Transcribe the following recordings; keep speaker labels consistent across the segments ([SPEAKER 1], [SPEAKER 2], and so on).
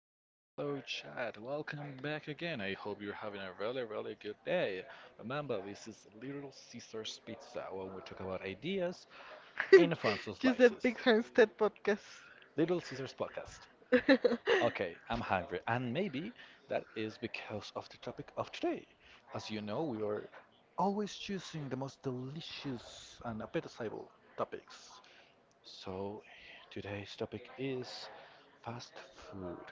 [SPEAKER 1] and hello, chat. Welcome back again. I hope you're having a really good day. Remember, this is Little Caesars Pizza, when we talk about ideas in forms of
[SPEAKER 2] Just that
[SPEAKER 1] slices.
[SPEAKER 2] big Hempstead podcast.
[SPEAKER 1] Little Caesars Podcast. Okay, I'm hungry, and maybe that is because of the topic of today. As you know, we are always choosing the most delicious and appetizable topics. So, today's topic is fast food.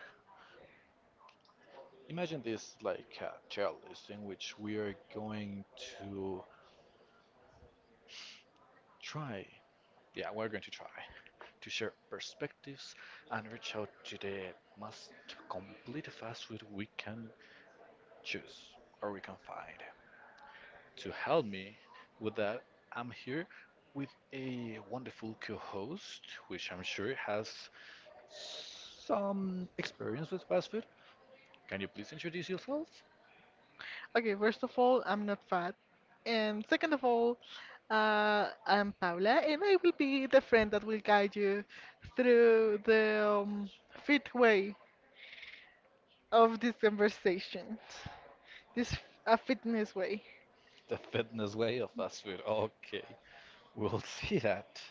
[SPEAKER 1] Imagine this like a tier list in which we are going to try, try to share perspectives and reach out to the most complete fast food we can choose or we can find. To help me with that, I'm here with a wonderful co host, which I'm sure has some experience with fast food. Can you please introduce yourself?
[SPEAKER 2] Okay, first of all, I'm not fat. And second of all, I'm Paula, and I will be the friend that will guide you through the fit way of this conversation. A fitness way.
[SPEAKER 1] The fitness way of fast food. Okay, we'll see that.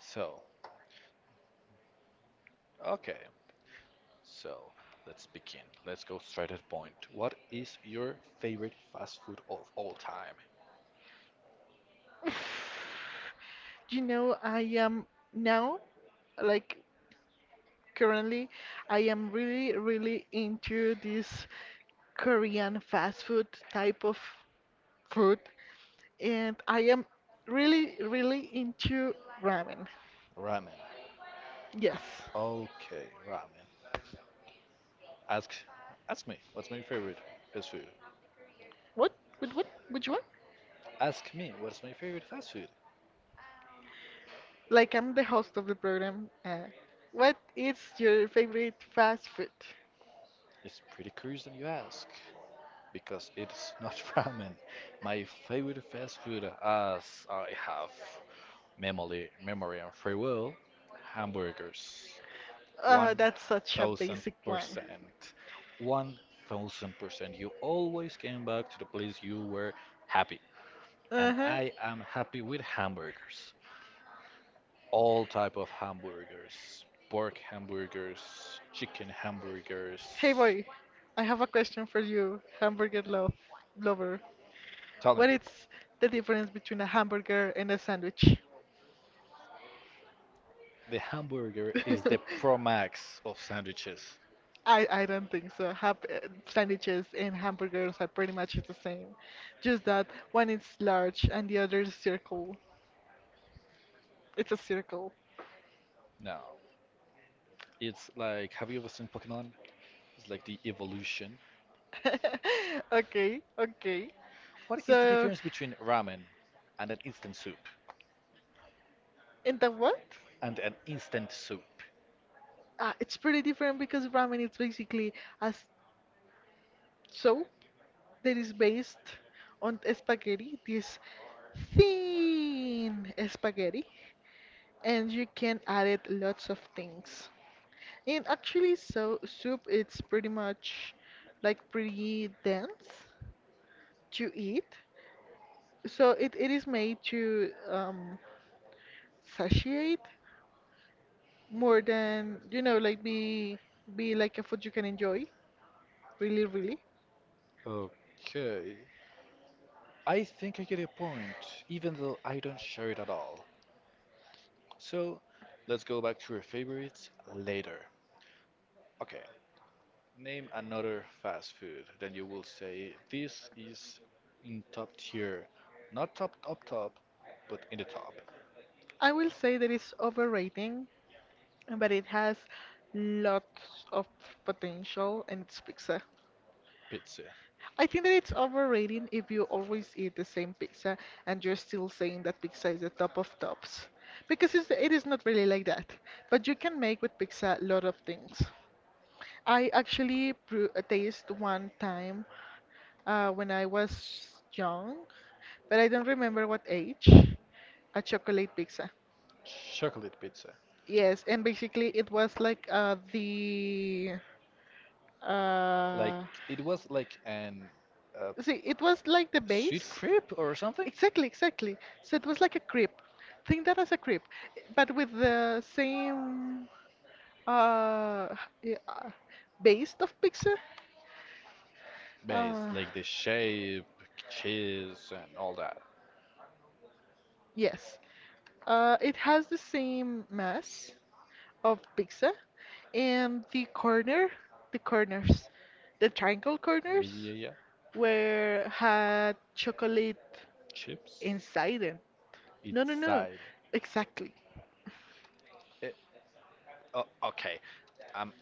[SPEAKER 1] So, okay. So, let's begin. Let's go straight at point. What is your favorite fast food of all time?
[SPEAKER 2] You know, I am now, like, currently, I am really, really into this Korean fast food type of food, and I am really, really into ramen.
[SPEAKER 1] Ramen.
[SPEAKER 2] Yes.
[SPEAKER 1] Okay, ramen. Ask ask me, what's my favorite fast food?
[SPEAKER 2] What? What? What? Which one?
[SPEAKER 1] Ask me, what's my favorite fast food?
[SPEAKER 2] Like I'm the host of the program. What is your favorite fast food?
[SPEAKER 1] It's pretty curious that you ask because it's not ramen. My favorite fast food as I have memory and free will hamburgers.
[SPEAKER 2] Oh,
[SPEAKER 1] One
[SPEAKER 2] that's such a
[SPEAKER 1] thousand
[SPEAKER 2] basic one.
[SPEAKER 1] percent. 1,000%. You always came back to the place you were happy. And
[SPEAKER 2] Uh-huh.
[SPEAKER 1] I am happy with hamburgers. All type of hamburgers. Pork hamburgers, chicken hamburgers.
[SPEAKER 2] Hey boy, I have a question for you, hamburger lover.
[SPEAKER 1] Tell me,
[SPEAKER 2] What is the difference between a hamburger and a sandwich?
[SPEAKER 1] the hamburger is the Pro Max of sandwiches.
[SPEAKER 2] I don't think so. Sandwiches and hamburgers are pretty much the same. Just that one is large and the other is circle. It's a circle.
[SPEAKER 1] No. It's like, have you ever seen Pokemon? It's like the evolution.
[SPEAKER 2] Okay, okay.
[SPEAKER 1] What is the
[SPEAKER 2] So,
[SPEAKER 1] difference between ramen and an instant soup?
[SPEAKER 2] in the what?
[SPEAKER 1] And an instant soup.
[SPEAKER 2] It's pretty different because ramen is basically a soup that is based on spaghetti, this thin spaghetti, and you can add it lots of things. And actually, so soup it's pretty much like pretty dense to eat. So it is made to satiate more than like be like a food you can enjoy really really.
[SPEAKER 1] Okay. I think I get your point, even though I don't share it at all. So, let's go back to your favorites later. Okay, name another fast food. Then you will say this is in top tier. Not top, but in the top.
[SPEAKER 2] I will say that it's overrating but it has lots of potential and it's pizza.
[SPEAKER 1] Pizza.
[SPEAKER 2] I think that it's overrated if you always eat the same pizza and you're still saying that pizza is the top of tops. Because it is not really like that. But you can make with pizza a lot of things. I actually pr taste one time, when I was young, but I don't remember what age, a chocolate pizza.
[SPEAKER 1] Chocolate pizza.
[SPEAKER 2] Yes, and basically it was like, the
[SPEAKER 1] Like,
[SPEAKER 2] uh,
[SPEAKER 1] it was like an. Uh,
[SPEAKER 2] see, it was like the
[SPEAKER 1] Sweet
[SPEAKER 2] base.
[SPEAKER 1] crepe or something?
[SPEAKER 2] Exactly, exactly. So it was like a crepe. Think that as a crepe, but with the same, uh, yeah, based of picture?
[SPEAKER 1] Base,
[SPEAKER 2] Uh,
[SPEAKER 1] like the shape, cheese, and all that.
[SPEAKER 2] yes. It has the same mass of pizza and the corners, the triangle
[SPEAKER 1] Yeah,
[SPEAKER 2] corners
[SPEAKER 1] yeah, yeah.
[SPEAKER 2] were had chocolate
[SPEAKER 1] Chips.
[SPEAKER 2] inside them. No, no, no.
[SPEAKER 1] Inside.
[SPEAKER 2] Exactly.
[SPEAKER 1] Eh, oh, okay. Um,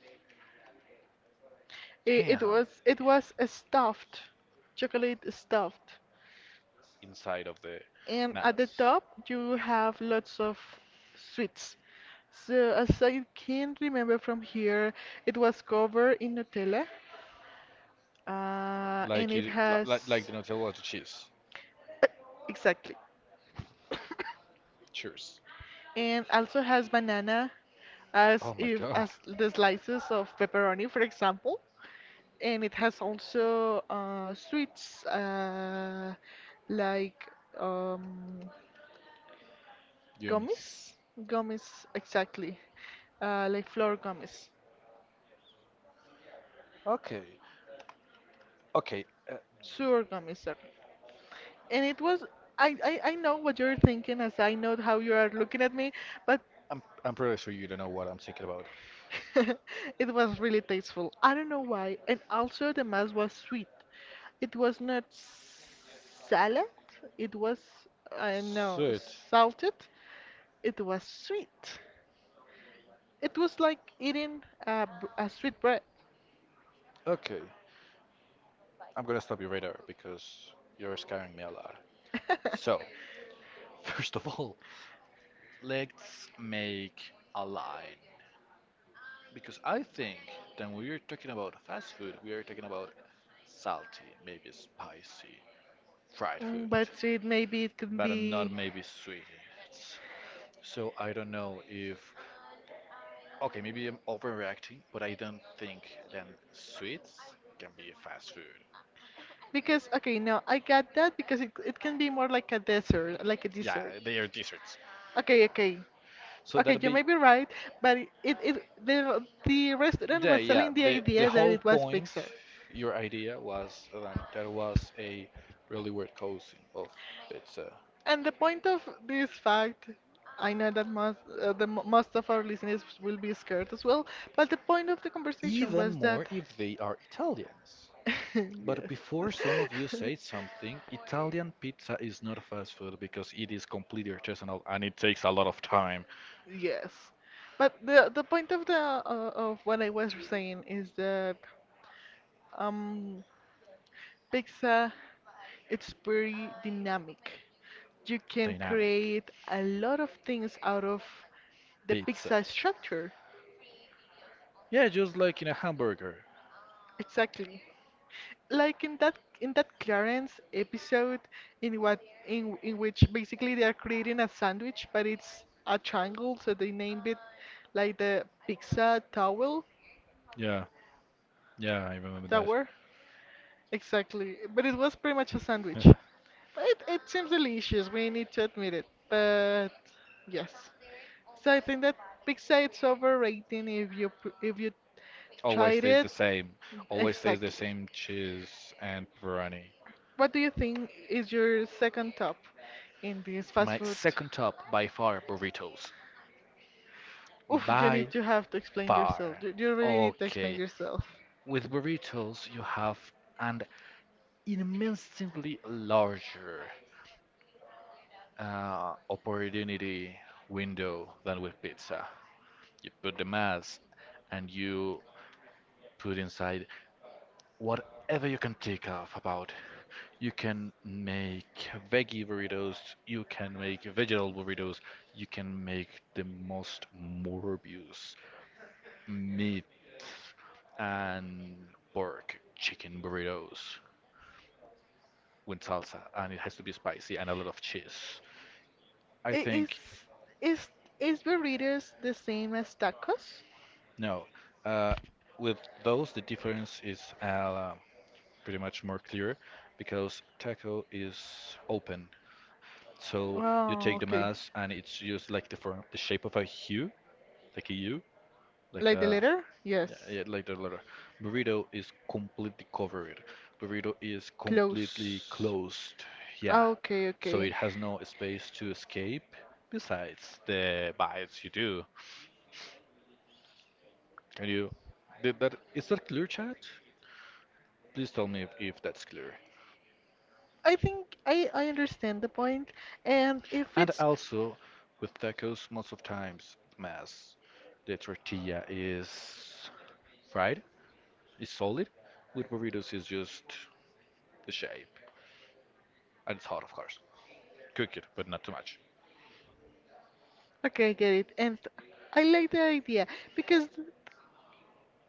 [SPEAKER 2] It, it
[SPEAKER 1] Damn.
[SPEAKER 2] was it was a stuffed chocolate stuffed.
[SPEAKER 1] Inside of the
[SPEAKER 2] And at the
[SPEAKER 1] mass.
[SPEAKER 2] top, you have lots of sweets. So, as I can remember from here, it was covered in Nutella, and
[SPEAKER 1] Like
[SPEAKER 2] it
[SPEAKER 1] it,
[SPEAKER 2] has,
[SPEAKER 1] like the Nutella to cheese.
[SPEAKER 2] uh, exactly,
[SPEAKER 1] Cheers.
[SPEAKER 2] and also has banana, as
[SPEAKER 1] Oh my
[SPEAKER 2] if
[SPEAKER 1] god.
[SPEAKER 2] as the slices of pepperoni, for example. And it has also, sweets, like, um,
[SPEAKER 1] You miss.
[SPEAKER 2] gummies? Gummies, exactly. Like flour gummies,
[SPEAKER 1] Okay. Okay.
[SPEAKER 2] sewer gummies, sorry. And it was, I know what you're thinking as I know how you are looking at me, but
[SPEAKER 1] I'm pretty sure you don't know what I'm thinking about.
[SPEAKER 2] it was really tasteful. I don't know why. And also the mass was sweet. It was not salad, it was, I know,
[SPEAKER 1] Sweet.
[SPEAKER 2] salted. It was sweet. It was like eating a sweet bread.
[SPEAKER 1] Okay, I'm gonna stop you right there because you're scaring me a lot. So, first of all, let's make a line. Because I think that when we're talking about fast food, we are talking about salty, maybe spicy, fried food,
[SPEAKER 2] Mm, but sweet, maybe it could
[SPEAKER 1] but not
[SPEAKER 2] be
[SPEAKER 1] maybe sweet. It's- So I don't know if, okay, maybe I'm overreacting, but I don't think then sweets can be fast food.
[SPEAKER 2] because, okay, no, I got that because it can be more like a dessert, like a
[SPEAKER 1] Yeah,
[SPEAKER 2] dessert.
[SPEAKER 1] they are desserts.
[SPEAKER 2] Okay, okay,
[SPEAKER 1] So
[SPEAKER 2] okay,
[SPEAKER 1] that'll
[SPEAKER 2] you
[SPEAKER 1] be
[SPEAKER 2] may be right, but it the restaurant
[SPEAKER 1] yeah,
[SPEAKER 2] was
[SPEAKER 1] yeah.
[SPEAKER 2] selling the
[SPEAKER 1] The
[SPEAKER 2] idea that
[SPEAKER 1] whole
[SPEAKER 2] it was
[SPEAKER 1] point,
[SPEAKER 2] pizza,
[SPEAKER 1] your idea was that that was a really weird cousin of pizza.
[SPEAKER 2] and the point of this fact. I know that most of our listeners will be scared as well, but the point of the conversation
[SPEAKER 1] Even
[SPEAKER 2] was
[SPEAKER 1] more
[SPEAKER 2] that,
[SPEAKER 1] if they are Italians. But
[SPEAKER 2] yes.
[SPEAKER 1] before some of you say something, Italian pizza is not fast food because it is completely artisanal and it takes a lot of time.
[SPEAKER 2] Yes, but the point of what I was saying is that, um pizza it's very dynamic. You can create a lot of things out of the
[SPEAKER 1] Pizza.
[SPEAKER 2] pizza structure.
[SPEAKER 1] Yeah, just like in a hamburger.
[SPEAKER 2] Exactly. Like in that Clarence episode in what in which basically they are creating a sandwich but it's a triangle, so they named it like the pizza towel
[SPEAKER 1] Yeah, yeah, I remember
[SPEAKER 2] tower. Exactly. But it was pretty much a sandwich.
[SPEAKER 1] that.
[SPEAKER 2] But it seems delicious, we need to admit it. But yes. So I think that pizza it's overrating if you
[SPEAKER 1] Always
[SPEAKER 2] tried
[SPEAKER 1] tastes
[SPEAKER 2] it.
[SPEAKER 1] the same. Always tastes the
[SPEAKER 2] Exactly.
[SPEAKER 1] same cheese and pepperoni.
[SPEAKER 2] What do you think is your second top in this fast
[SPEAKER 1] My
[SPEAKER 2] food?
[SPEAKER 1] second top by far burritos.
[SPEAKER 2] Oof, you need
[SPEAKER 1] By
[SPEAKER 2] to have to explain yourself.
[SPEAKER 1] far.
[SPEAKER 2] You really need to explain
[SPEAKER 1] Okay.
[SPEAKER 2] yourself.
[SPEAKER 1] With burritos, you have an immensely larger opportunity window than with pizza. You put the mass and you put inside whatever you can think of about. You can make veggie burritos, you can make vegetable burritos, you can make the most morbius meat and pork chicken burritos with salsa, and it has to be spicy and a lot of cheese. I
[SPEAKER 2] I- Is
[SPEAKER 1] think
[SPEAKER 2] is is burritos the same as tacos?
[SPEAKER 1] no. Uh, with those, the difference is pretty much more clear because taco is open. So you
[SPEAKER 2] Oh,
[SPEAKER 1] take the
[SPEAKER 2] okay.
[SPEAKER 1] mass, and it's just like the form, the shape of a U, like a U, like
[SPEAKER 2] Like the
[SPEAKER 1] a
[SPEAKER 2] letter?
[SPEAKER 1] yeah,
[SPEAKER 2] Yes.
[SPEAKER 1] yeah, like the letter. Burrito is completely covered. Burrito is completely
[SPEAKER 2] Close.
[SPEAKER 1] closed. Yeah,
[SPEAKER 2] Ah, okay,
[SPEAKER 1] so it
[SPEAKER 2] okay.
[SPEAKER 1] has no space to escape. Besides the bites you do, can you? Did that is that clear, chat? Please tell me if that's clear.
[SPEAKER 2] I think I understand the point, and if
[SPEAKER 1] And
[SPEAKER 2] it's
[SPEAKER 1] also, with tacos, most of times mass, the tortilla is fried. It's solid. With burritos, it's just the shape. And it's hot, of course. Cook it, but not too much.
[SPEAKER 2] okay, I get it. And I like the idea because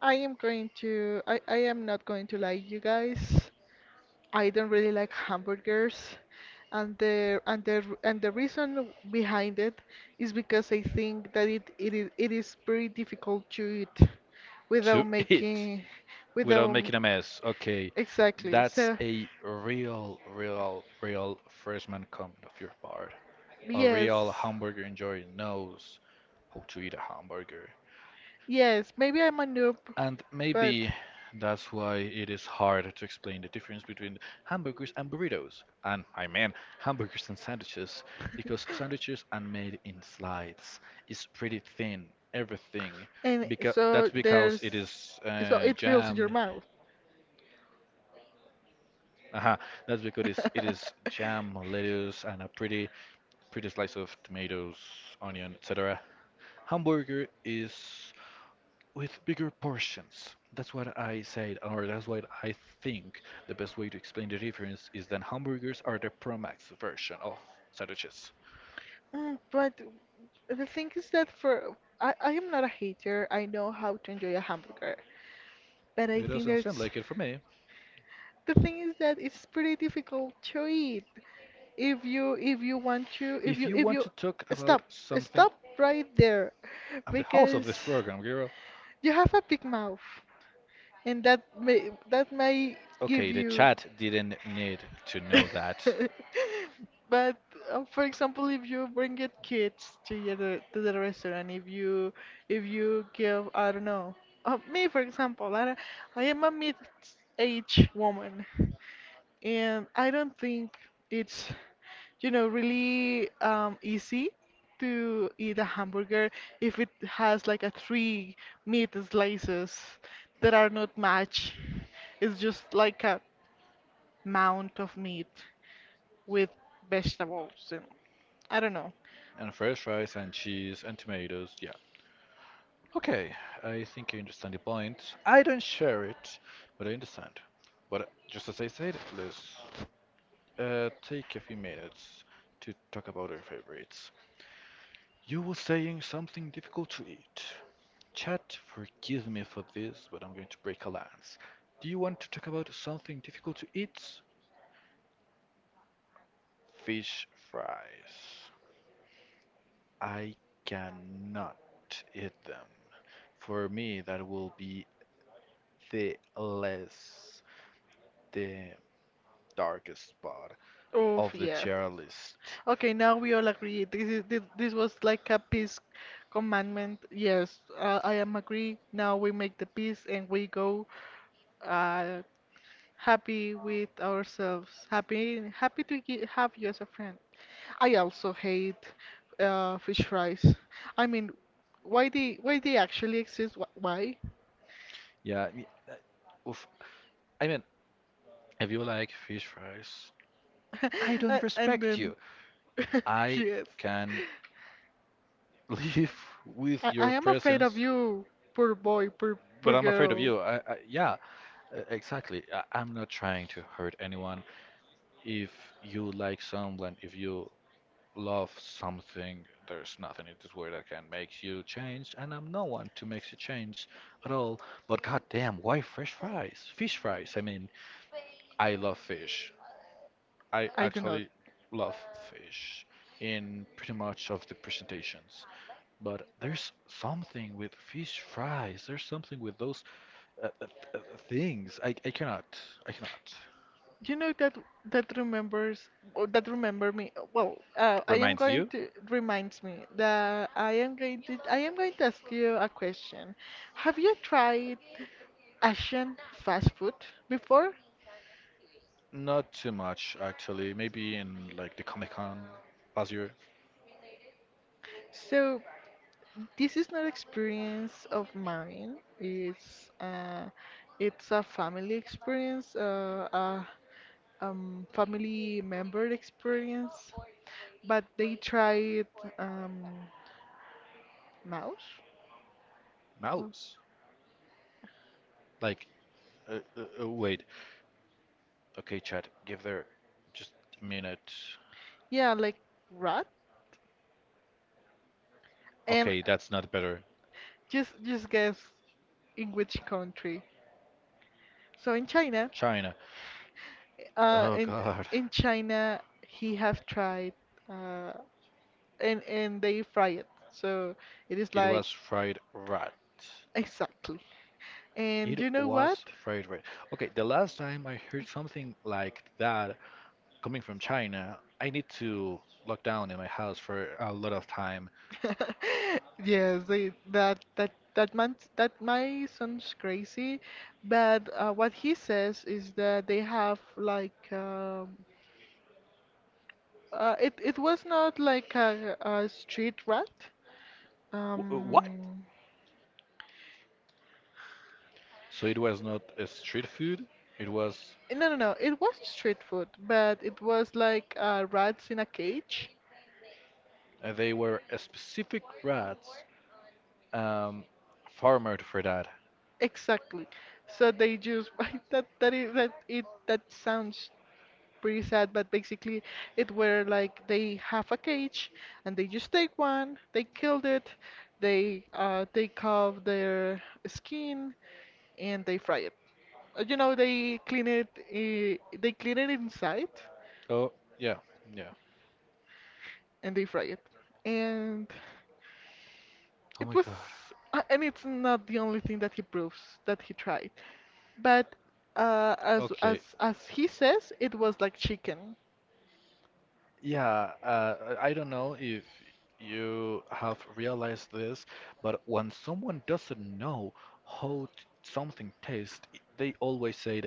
[SPEAKER 2] I am not going to lie, you guys. I don't really like hamburgers, and the reason behind it is because I think that it is very difficult to eat
[SPEAKER 1] To
[SPEAKER 2] without
[SPEAKER 1] eat
[SPEAKER 2] making,
[SPEAKER 1] without
[SPEAKER 2] without,
[SPEAKER 1] making a mess. Okay,
[SPEAKER 2] exactly.
[SPEAKER 1] that's
[SPEAKER 2] So
[SPEAKER 1] a real freshman comment of your part. A real
[SPEAKER 2] yes,
[SPEAKER 1] hamburger enjoyer knows how to eat a hamburger.
[SPEAKER 2] yes, maybe I'm a noob,
[SPEAKER 1] And
[SPEAKER 2] but,
[SPEAKER 1] maybe that's why it is hard to explain the difference between hamburgers and burritos. And I mean hamburgers and sandwiches, because sandwiches are made in slices. It's pretty thin, everything.
[SPEAKER 2] and
[SPEAKER 1] Because
[SPEAKER 2] so
[SPEAKER 1] that's because
[SPEAKER 2] there's,
[SPEAKER 1] it is
[SPEAKER 2] so it fills your
[SPEAKER 1] jam.
[SPEAKER 2] mouth.
[SPEAKER 1] uh That's because it is jam, lettuce, and a pretty slice of tomatoes, onion, etc. Hamburger is with bigger portions. That's what I said, or that's what I think the best way to explain the difference is that hamburgers are the Pro Max version of sandwiches.
[SPEAKER 2] Mm, but the thing is that, for, I am not a hater. I know how to enjoy a hamburger, but I
[SPEAKER 1] It
[SPEAKER 2] think
[SPEAKER 1] doesn't seem
[SPEAKER 2] that's,
[SPEAKER 1] like it for me.
[SPEAKER 2] the thing is that it's pretty difficult to eat. If you want to, if
[SPEAKER 1] If
[SPEAKER 2] you
[SPEAKER 1] you
[SPEAKER 2] if
[SPEAKER 1] want
[SPEAKER 2] you
[SPEAKER 1] to talk
[SPEAKER 2] stop
[SPEAKER 1] about something,
[SPEAKER 2] stop right there,
[SPEAKER 1] I'm the host of
[SPEAKER 2] because
[SPEAKER 1] this program, girl.
[SPEAKER 2] you have a big mouth, and that may give
[SPEAKER 1] Okay, the
[SPEAKER 2] you.
[SPEAKER 1] chat didn't need to know that.
[SPEAKER 2] But for example, if you bring your kids to to the restaurant, if you give, I don't know, me for example, I don't- I am a mid-age woman, and I don't think it's, really, easy to eat a hamburger if it has like a three meat slices that are not match. It's just like a mound of meat with vegetables. And I don't know.
[SPEAKER 1] And fresh fries, and cheese and tomatoes, yeah. Okay, I think I understand the point. I don't share it, but I understand. But just as I said, let's take a few minutes to talk about our favorites. You were saying something difficult to eat. Chat, forgive me for this, but I'm going to break a lance. Do you want to talk about something difficult to eat? Fish fries. I cannot eat them. For me, that will be the less, the darkest spot
[SPEAKER 2] Oof,
[SPEAKER 1] of the
[SPEAKER 2] yeah.
[SPEAKER 1] tier list.
[SPEAKER 2] Okay, now we all agree. This was like a peace commandment. Yes, I am agree. Now we make the peace and we go, uh, happy with ourselves. Happy, happy have you as a friend. I also hate, fish fries. I mean, why they actually exist? Why?
[SPEAKER 1] Yeah, oof. I mean, if you like fish fries, I don't
[SPEAKER 2] And
[SPEAKER 1] respect
[SPEAKER 2] then,
[SPEAKER 1] you. I
[SPEAKER 2] yes.
[SPEAKER 1] can live with
[SPEAKER 2] I
[SPEAKER 1] your
[SPEAKER 2] am afraid of
[SPEAKER 1] presence,
[SPEAKER 2] you, poor boy, poor
[SPEAKER 1] but
[SPEAKER 2] poor
[SPEAKER 1] I'm afraid of
[SPEAKER 2] girl.
[SPEAKER 1] you. Yeah, exactly. I'm not trying to hurt anyone. If you like someone, if you love something, there's nothing in this world that can make you change, and I'm no one to make you change at all. But goddamn, why fresh fries? Fish fries. I mean, I love fish. I
[SPEAKER 2] I do not.
[SPEAKER 1] actually love fish in pretty much of the presentations. But there's something with fish fries. There's something with those uh, uh, uh, things. I cannot. I cannot.
[SPEAKER 2] You know that that remembers, oh, that remember me. Well, I am
[SPEAKER 1] Reminds
[SPEAKER 2] going
[SPEAKER 1] you?
[SPEAKER 2] to reminds me that I am going to ask you a question. Have you tried Asian fast food before?
[SPEAKER 1] Not too much, actually. Maybe in like the Comic Con past year.
[SPEAKER 2] So this is not experience of mine. It's, it's a family experience, a family member experience. But they tried, um mouse?
[SPEAKER 1] Mouse. Like, wait. Okay, Chad, give there just a minute.
[SPEAKER 2] Yeah, like rat. And
[SPEAKER 1] Okay, that's not better.
[SPEAKER 2] just guess in which country. So in China,
[SPEAKER 1] China.
[SPEAKER 2] uh
[SPEAKER 1] Oh
[SPEAKER 2] in
[SPEAKER 1] God.
[SPEAKER 2] in China he have tried, uh and they fry it. So it is
[SPEAKER 1] It
[SPEAKER 2] like,
[SPEAKER 1] was fried rat.
[SPEAKER 2] exactly. And
[SPEAKER 1] It
[SPEAKER 2] you know what?
[SPEAKER 1] was fried rat. Okay, the last time I heard something like that coming from China, I need to lock down in my house for a lot of time.
[SPEAKER 2] Yes, they, that man, that my son's crazy, but, what he says is that they have, like, it was not like a street rat.
[SPEAKER 1] What?
[SPEAKER 2] Um,
[SPEAKER 1] So it was not a street food. It was
[SPEAKER 2] no, no, no. It was street food, but it was like, rats in a cage.
[SPEAKER 1] they were a specific rats um, farmed for that.
[SPEAKER 2] Exactly. So they just that that is that it that sounds pretty sad, but basically it were like they have a cage and they just take one, they killed it, they, take off their skin and they fry it. You know, they clean it inside,
[SPEAKER 1] Oh, yeah, yeah.
[SPEAKER 2] and they fry it. And
[SPEAKER 1] Oh
[SPEAKER 2] it
[SPEAKER 1] my
[SPEAKER 2] was,
[SPEAKER 1] God.
[SPEAKER 2] and it's not the only thing that he proves that he tried, but, as
[SPEAKER 1] Okay.
[SPEAKER 2] as as he says, it was like chicken,
[SPEAKER 1] Yeah, I don't know if you have realized this, but when someone doesn't know how something tastes, they always say,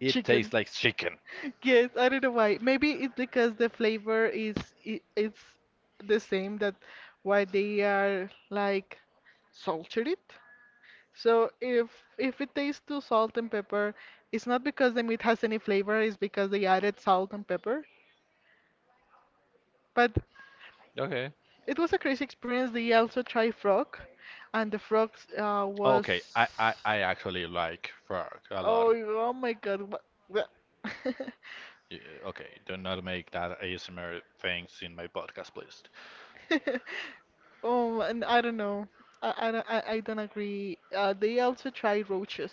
[SPEAKER 1] it
[SPEAKER 2] chicken.
[SPEAKER 1] tastes like chicken.
[SPEAKER 2] Yes, I don't know why. Maybe it's because the flavor is, it's the same that why they are like salted it. So if it tastes too salt and pepper, it's not because the meat has any flavor, it's because they added salt and pepper. But
[SPEAKER 1] Okay.
[SPEAKER 2] it was a crazy experience. They also tried frog, and the frog,
[SPEAKER 1] Okay,
[SPEAKER 2] was,
[SPEAKER 1] I I actually like frog a lot.
[SPEAKER 2] oh, oh my God, what? what-
[SPEAKER 1] Y- Okay, do not make that ASMR things in my podcast, please.
[SPEAKER 2] Oh, and I don't know. I don't agree. They also try roaches.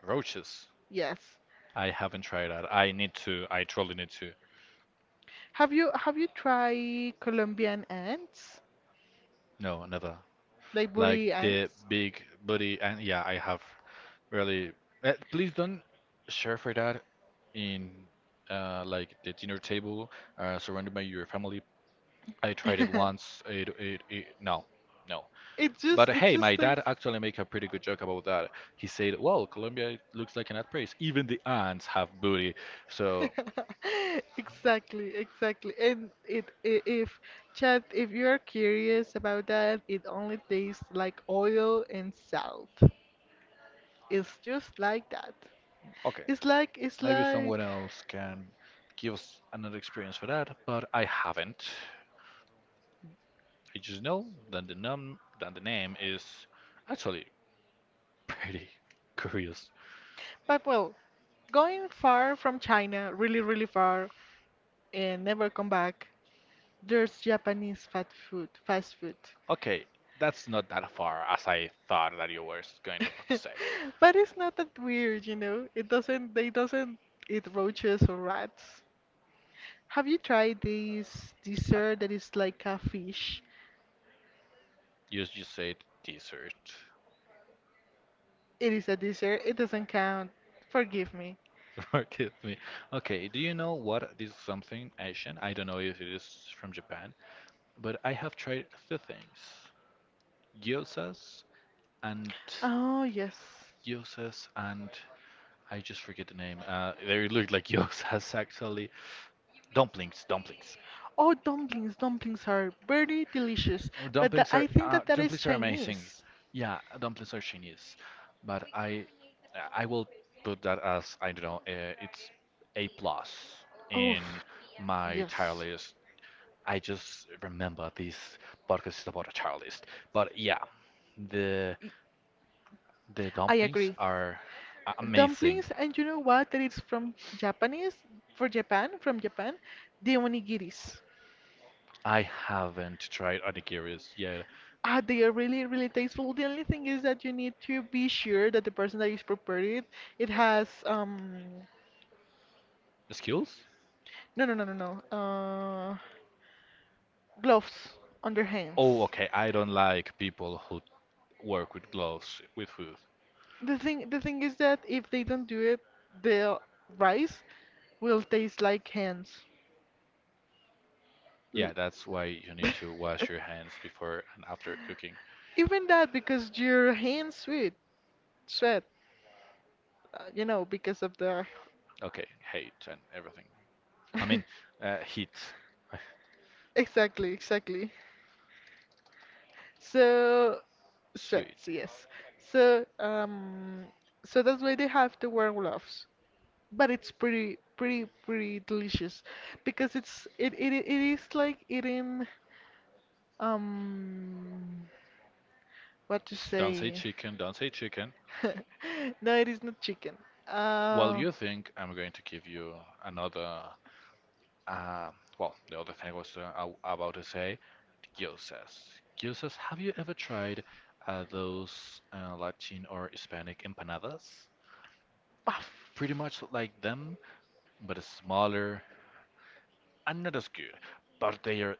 [SPEAKER 1] Roaches.
[SPEAKER 2] Yes.
[SPEAKER 1] I haven't tried that. I need to. I truly need to.
[SPEAKER 2] Have you tried Colombian ants?
[SPEAKER 1] No, never.
[SPEAKER 2] Like
[SPEAKER 1] Like
[SPEAKER 2] woolly
[SPEAKER 1] the
[SPEAKER 2] ants?
[SPEAKER 1] big booty, and yeah, I have really. Eh, please don't share for that in like the dinner table, surrounded by your family. I tried it once. It no, no.
[SPEAKER 2] It's just
[SPEAKER 1] But
[SPEAKER 2] it's
[SPEAKER 1] hey, my
[SPEAKER 2] just like.
[SPEAKER 1] dad actually make a pretty good joke about that. He said, "Well, Colombia looks like an ant place. Even the ants have booty." So
[SPEAKER 2] Exactly, exactly. And it, I if Chad, if you're curious about that, it only tastes like oil and salt. It's just like that.
[SPEAKER 1] okay,
[SPEAKER 2] It's
[SPEAKER 1] maybe someone
[SPEAKER 2] like
[SPEAKER 1] else can give us another experience for that, but I haven't. I just know that the num that the name is actually pretty curious.
[SPEAKER 2] But well, going far from China, really really far, and never come back. There's Japanese fast food, fast food.
[SPEAKER 1] Okay, that's not that far as I thought that you were going to say.
[SPEAKER 2] But it's not that weird, you know. It doesn't, they doesn't eat roaches or rats. Have you tried this
[SPEAKER 1] I,
[SPEAKER 2] dessert that is like a fish?
[SPEAKER 1] You just said dessert.
[SPEAKER 2] It is a dessert. It doesn't count. Forgive me.
[SPEAKER 1] Forgive me. Okay, do you know what? This is something Asian. I don't know if it is from Japan, but I have tried 2 things: gyozas and
[SPEAKER 2] Oh, yes.
[SPEAKER 1] gyozas and I just forget the name. They look like gyozas actually. Dumplings, dumplings.
[SPEAKER 2] Oh, dumplings, dumplings are very delicious,
[SPEAKER 1] Our
[SPEAKER 2] but I think that that is
[SPEAKER 1] Dumplings are amazing.
[SPEAKER 2] Chinese.
[SPEAKER 1] Yeah, dumplings are genius. But I will put that as I don't know. It's a plus
[SPEAKER 2] Oh,
[SPEAKER 1] in my tier
[SPEAKER 2] yes,
[SPEAKER 1] list. I just remember this podcast is about a tier list. But yeah, the
[SPEAKER 2] y-
[SPEAKER 1] the
[SPEAKER 2] I
[SPEAKER 1] dumplings
[SPEAKER 2] agree.
[SPEAKER 1] are amazing.
[SPEAKER 2] Dumplings, and you know what? That it's from Japanese, for Japan, from Japan, the onigiris.
[SPEAKER 1] I haven't tried onigiris yet.
[SPEAKER 2] Ah, they are really, really tasteful. The only thing is that you need to be sure that the person that is prepared it, it has,
[SPEAKER 1] The skills?
[SPEAKER 2] no, no, no, no, no, gloves on their
[SPEAKER 1] Oh,
[SPEAKER 2] hands.
[SPEAKER 1] okay. I don't like people who work with gloves with food.
[SPEAKER 2] The thing is that if they don't do it, the rice will taste like hands. L-
[SPEAKER 1] Yeah, that's why you need to wash your hands before and after cooking.
[SPEAKER 2] Even that, because your hands sweat, because of the.
[SPEAKER 1] Okay, hate and everything. I mean, heat.
[SPEAKER 2] Exactly, exactly. So
[SPEAKER 1] Sweet.
[SPEAKER 2] sweats, yes. So um, so that's why they have to wear gloves. But it's pretty delicious because it's it it it is like eating um what to
[SPEAKER 1] Don't say
[SPEAKER 2] say?
[SPEAKER 1] chicken, don't say chicken.
[SPEAKER 2] No, it is not chicken.
[SPEAKER 1] While
[SPEAKER 2] Uh,
[SPEAKER 1] you think, I'm going to give you another. Uh, well, the other thing I was about to say, gyozas. Gyozas, have you ever tried those Latin or Hispanic empanadas?
[SPEAKER 2] puff.
[SPEAKER 1] Pretty much like them, but smaller and not as good, but they are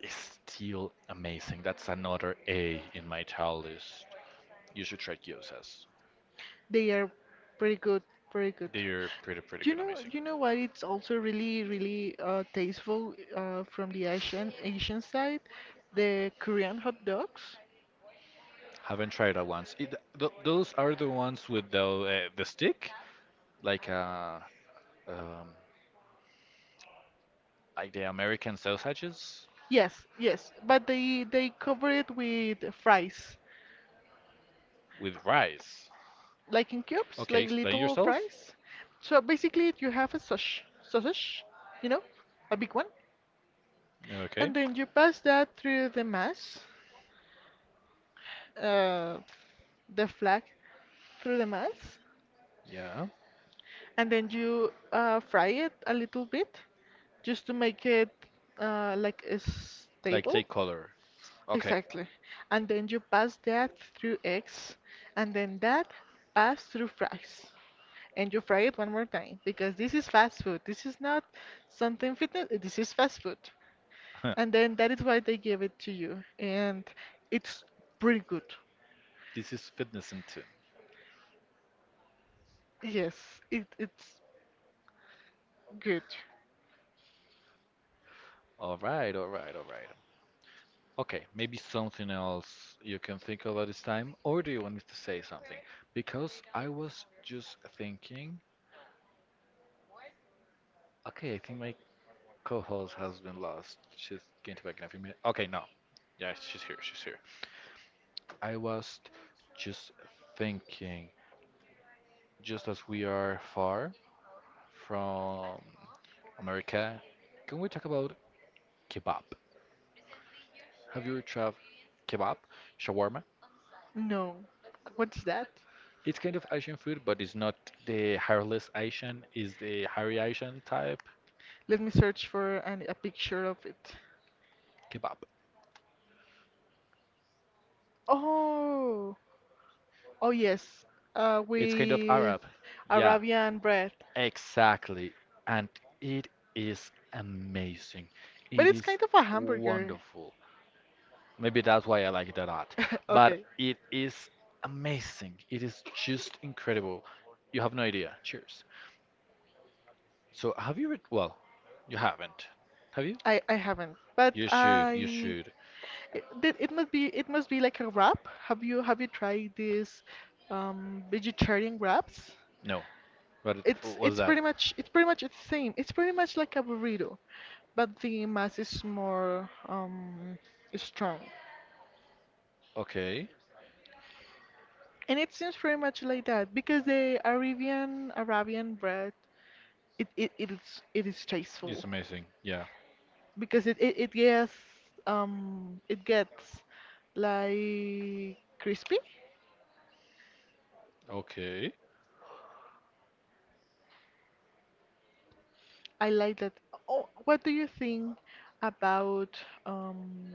[SPEAKER 1] still amazing. That's another A in my child list. You should try gyozas.
[SPEAKER 2] They are pretty good, pretty good.
[SPEAKER 1] They're pretty
[SPEAKER 2] You
[SPEAKER 1] good,
[SPEAKER 2] know,
[SPEAKER 1] amazing.
[SPEAKER 2] you know what? It's also really, really tasteful from the Asian side, the Korean hot dogs.
[SPEAKER 1] Haven't tried that once. It, th those are the ones with the stick, like uh, um, like the American sausages
[SPEAKER 2] Yes, yes, but they cover it with fries.
[SPEAKER 1] with rice.
[SPEAKER 2] Like in cubes,
[SPEAKER 1] Okay,
[SPEAKER 2] like
[SPEAKER 1] explain
[SPEAKER 2] little
[SPEAKER 1] yourself.
[SPEAKER 2] fries. So basically, you have a sausage, you know, a big one,
[SPEAKER 1] Okay.
[SPEAKER 2] and then you pass that through the mass, uh, the flag through the mass,
[SPEAKER 1] Yeah.
[SPEAKER 2] and then you fry it a little bit just to make it like a
[SPEAKER 1] Like
[SPEAKER 2] stable.
[SPEAKER 1] take color. Okay.
[SPEAKER 2] Exactly. And then you pass that through eggs, and then that pass through fries. And you fry it one more time because this is fast food. This is not something fitness. This is fast food. And then that is why they give it to you. And it's pretty good.
[SPEAKER 1] This is fitness and tin.
[SPEAKER 2] Yes, it, it's good.
[SPEAKER 1] All right, all right, all right. Okay, maybe something else you can think of at this time, or do you want me to say something? Because I was just thinking, okay, I think my co-host has been lost. She's going to back in a few minutes. Okay, no. Yeah, she's here. I was just thinking, just as we are far from America, can we talk about kebab? Have you ever tried kebab, shawarma?
[SPEAKER 2] No. What's that?
[SPEAKER 1] It's kind of Asian food, but it's not the hairless Asian. It's the hairy Asian type
[SPEAKER 2] Let me search for a picture of it.
[SPEAKER 1] kebab.
[SPEAKER 2] Oh, oh yes.
[SPEAKER 1] It's kind of
[SPEAKER 2] With
[SPEAKER 1] Arab. Yeah,
[SPEAKER 2] Arabian bread.
[SPEAKER 1] exactly. And it is amazing.
[SPEAKER 2] But
[SPEAKER 1] It
[SPEAKER 2] it's
[SPEAKER 1] is
[SPEAKER 2] kind of a hamburger.
[SPEAKER 1] wonderful. Maybe that's why I like it a lot. But
[SPEAKER 2] Okay,
[SPEAKER 1] it is amazing. It is just incredible. You have no idea. Cheers. So have you read? Well, you haven't. Have you?
[SPEAKER 2] I haven't, but
[SPEAKER 1] You should. You should.
[SPEAKER 2] it must be like a wrap. Have you tried these vegetarian wraps?
[SPEAKER 1] No. But was that?
[SPEAKER 2] It's pretty much the same. It's pretty much like a burrito, but the mass is more strong.
[SPEAKER 1] Okay,
[SPEAKER 2] And it seems pretty much like that because the Arabian bread it is tasteful.
[SPEAKER 1] it's amazing. Yeah.
[SPEAKER 2] Because it gets like crispy.
[SPEAKER 1] Okay.
[SPEAKER 2] I like that. Oh, what do you think about um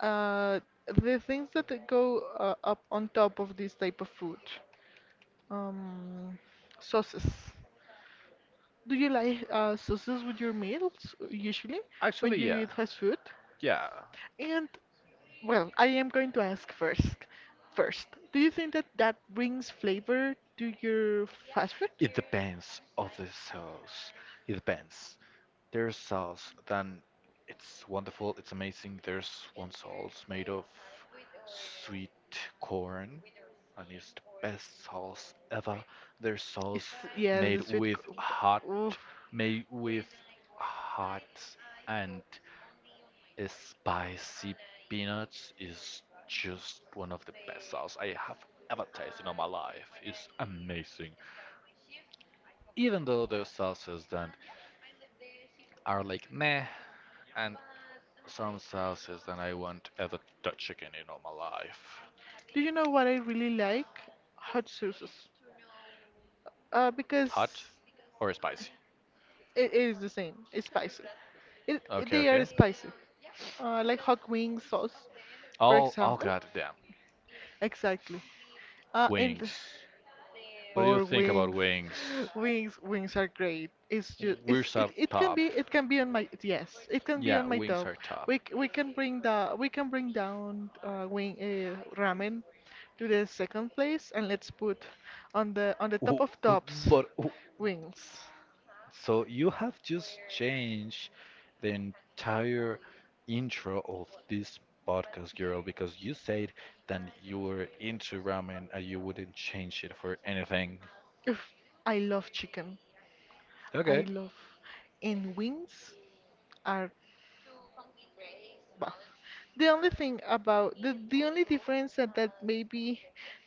[SPEAKER 2] uh the things that go up on top of this type of food? Um, sauces. Do you like sauces with your meals usually when
[SPEAKER 1] Actually,
[SPEAKER 2] you
[SPEAKER 1] yeah.
[SPEAKER 2] eat fast food?
[SPEAKER 1] Yeah.
[SPEAKER 2] And well, I am going to ask first. First, do you think that that brings flavor to your fast food?
[SPEAKER 1] It depends of the sauce. It depends. There's sauce, then it's wonderful, it's amazing. There's one sauce made of sweet corn, and it's the best sauce ever. There's
[SPEAKER 2] Is
[SPEAKER 1] sauce
[SPEAKER 2] yeah,
[SPEAKER 1] made
[SPEAKER 2] the sweet.
[SPEAKER 1] with hot,
[SPEAKER 2] Oof.
[SPEAKER 1] made with hot and Spicy peanuts is just one of the best sauce I have ever tasted in my life. It's amazing. Even though there's sauces that are like meh, and some sauces that I won't ever touch again in all my life.
[SPEAKER 2] Do you know what I really like? Hot sauces. Because
[SPEAKER 1] Hot or spicy?
[SPEAKER 2] it is the same. It's spicy.
[SPEAKER 1] Okay,
[SPEAKER 2] They are
[SPEAKER 1] okay.
[SPEAKER 2] spicy. Like hot wing sauce, for
[SPEAKER 1] Oh, oh
[SPEAKER 2] example.
[SPEAKER 1] god damn.
[SPEAKER 2] Exactly. And
[SPEAKER 1] Wings. What do you
[SPEAKER 2] Or
[SPEAKER 1] think about
[SPEAKER 2] wings.
[SPEAKER 1] wings?
[SPEAKER 2] Wings are great.
[SPEAKER 1] Wings are top.
[SPEAKER 2] It can be on my yes, it can be
[SPEAKER 1] Yeah,
[SPEAKER 2] on my
[SPEAKER 1] wings
[SPEAKER 2] top.
[SPEAKER 1] are top.
[SPEAKER 2] We can bring down wing ramen to the second place and let's put on the top
[SPEAKER 1] Wh-
[SPEAKER 2] of tops
[SPEAKER 1] But
[SPEAKER 2] wings.
[SPEAKER 1] So you have just changed the entire intro of this podcast, girl, because you said that you were into ramen and you wouldn't change it for anything.
[SPEAKER 2] If I love chicken. I
[SPEAKER 1] Okay,
[SPEAKER 2] love and wings are Bah. The only thing about the only difference that maybe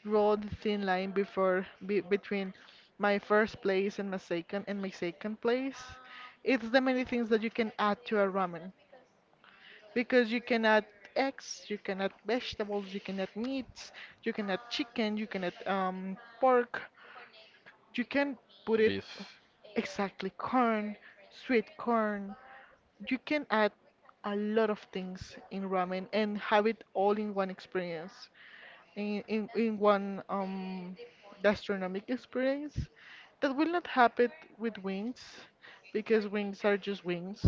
[SPEAKER 2] draw the thin line between my first place and my second place, it's the many things that you can add to a ramen because you can add eggs, you can add vegetables, you can add meats, you can add chicken, you can add pork. You can put it
[SPEAKER 1] beef.
[SPEAKER 2] exactly corn, sweet corn. You can add a lot of things in ramen and have it all in one experience, in one gastronomic experience. That will not happen with wings because wings are just wings.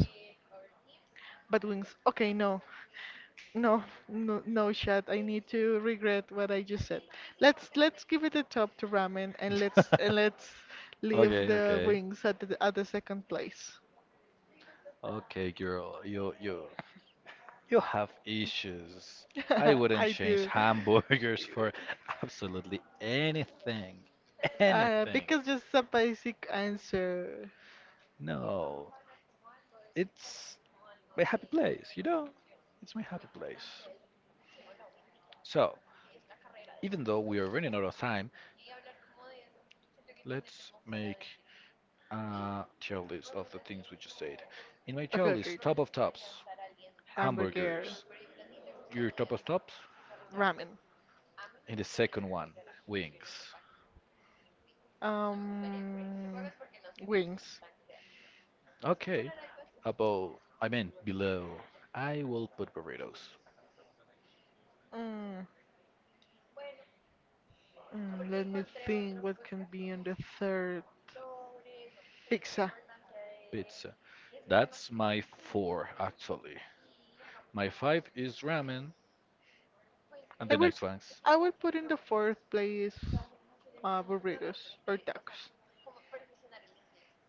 [SPEAKER 2] But wings. Okay, no. No, no, no shot. I need to regret what I just said. Let's give it a top to ramen and let's leave
[SPEAKER 1] okay,
[SPEAKER 2] the
[SPEAKER 1] okay.
[SPEAKER 2] wings at the second place.
[SPEAKER 1] Okay, girl, you have issues. I wouldn't
[SPEAKER 2] I
[SPEAKER 1] change
[SPEAKER 2] do.
[SPEAKER 1] hamburgers for absolutely anything. Anything.
[SPEAKER 2] Because just a basic answer.
[SPEAKER 1] No, it's my happy place, you know? It's my happy place. So, even though we are running out of time, let's make a tier list of the things we just said. In my tier
[SPEAKER 2] Okay, okay.
[SPEAKER 1] list, top of tops,
[SPEAKER 2] Hamburger,
[SPEAKER 1] hamburgers. Your top of tops?
[SPEAKER 2] ramen,
[SPEAKER 1] In the second one, wings.
[SPEAKER 2] um, wings.
[SPEAKER 1] Okay. Above, I mean below. I will put burritos.
[SPEAKER 2] Mm, let me think what can be on the third. Pizza.
[SPEAKER 1] Pizza. That's my four, actually. My five is ramen, and
[SPEAKER 2] I
[SPEAKER 1] the
[SPEAKER 2] would
[SPEAKER 1] next one's.
[SPEAKER 2] I would put in the fourth place burritos or tacos.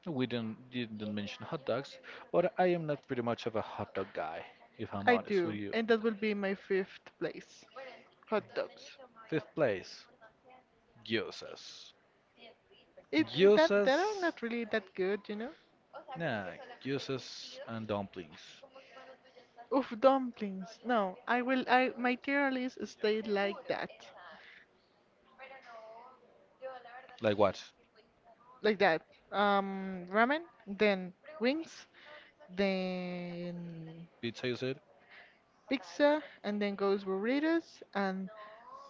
[SPEAKER 1] We didn't mention hot dogs, but I am not pretty much of a hot dog guy, if I'm
[SPEAKER 2] I
[SPEAKER 1] honest with
[SPEAKER 2] do,
[SPEAKER 1] you.
[SPEAKER 2] and that will be my fifth place. Hot dogs.
[SPEAKER 1] Fifth place, gyozas.
[SPEAKER 2] It that
[SPEAKER 1] Gyozas,
[SPEAKER 2] that are not really that good, you know.
[SPEAKER 1] nah, gyozas and dumplings.
[SPEAKER 2] Oof, dumplings. No, I will. I my tier list stayed like that,
[SPEAKER 1] Like what?
[SPEAKER 2] like that. Ramen, then wings, then
[SPEAKER 1] Pizza, you said?
[SPEAKER 2] pizza, and then goes burritos, and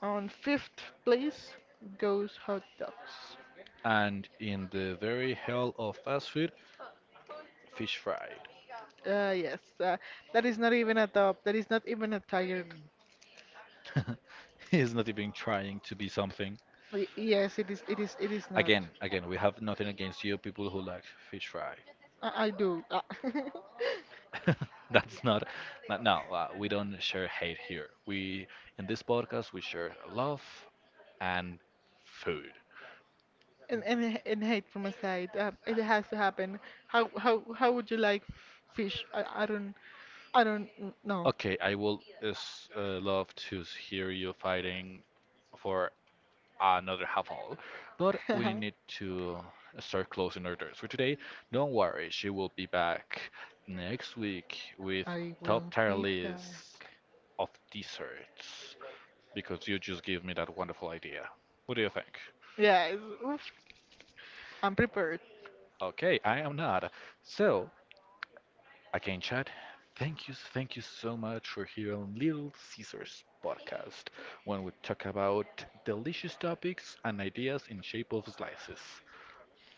[SPEAKER 2] on fifth place goes hot dogs.
[SPEAKER 1] And in the very hell of fast food, fish fried.
[SPEAKER 2] Uh, yes, uh, that is not even a top. That is not even a tired.
[SPEAKER 1] He's not even trying to be something.
[SPEAKER 2] Yes, it is. It is. It is not.
[SPEAKER 1] Again, we have nothing against you, people who like fish fry.
[SPEAKER 2] I do.
[SPEAKER 1] That's not, not no, we don't share hate here. We, in this podcast, we share love and food.
[SPEAKER 2] And and hate from a side. It has to happen. How would you like fish? I don't know.
[SPEAKER 1] Okay, I will is, love to hear you fighting for another half hour, but we need to start closing our doors for today. Don't worry, she will be back next week with
[SPEAKER 2] I
[SPEAKER 1] top
[SPEAKER 2] will
[SPEAKER 1] tier
[SPEAKER 2] be
[SPEAKER 1] list
[SPEAKER 2] back.
[SPEAKER 1] of desserts because you just gave me that wonderful idea. What do you think?
[SPEAKER 2] Yes. Oof. I'm prepared.
[SPEAKER 1] Okay, I am not. So, Again, chat. Thank you, thank you so much for here on Little Caesars podcast, when we talk about delicious topics and ideas in shape of slices.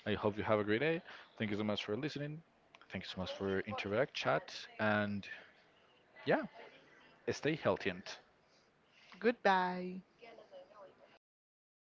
[SPEAKER 1] I hope you have a great day. Thank you so much for listening. Thank you so much for interact, chat, and yeah, stay healthy. And
[SPEAKER 2] Goodbye.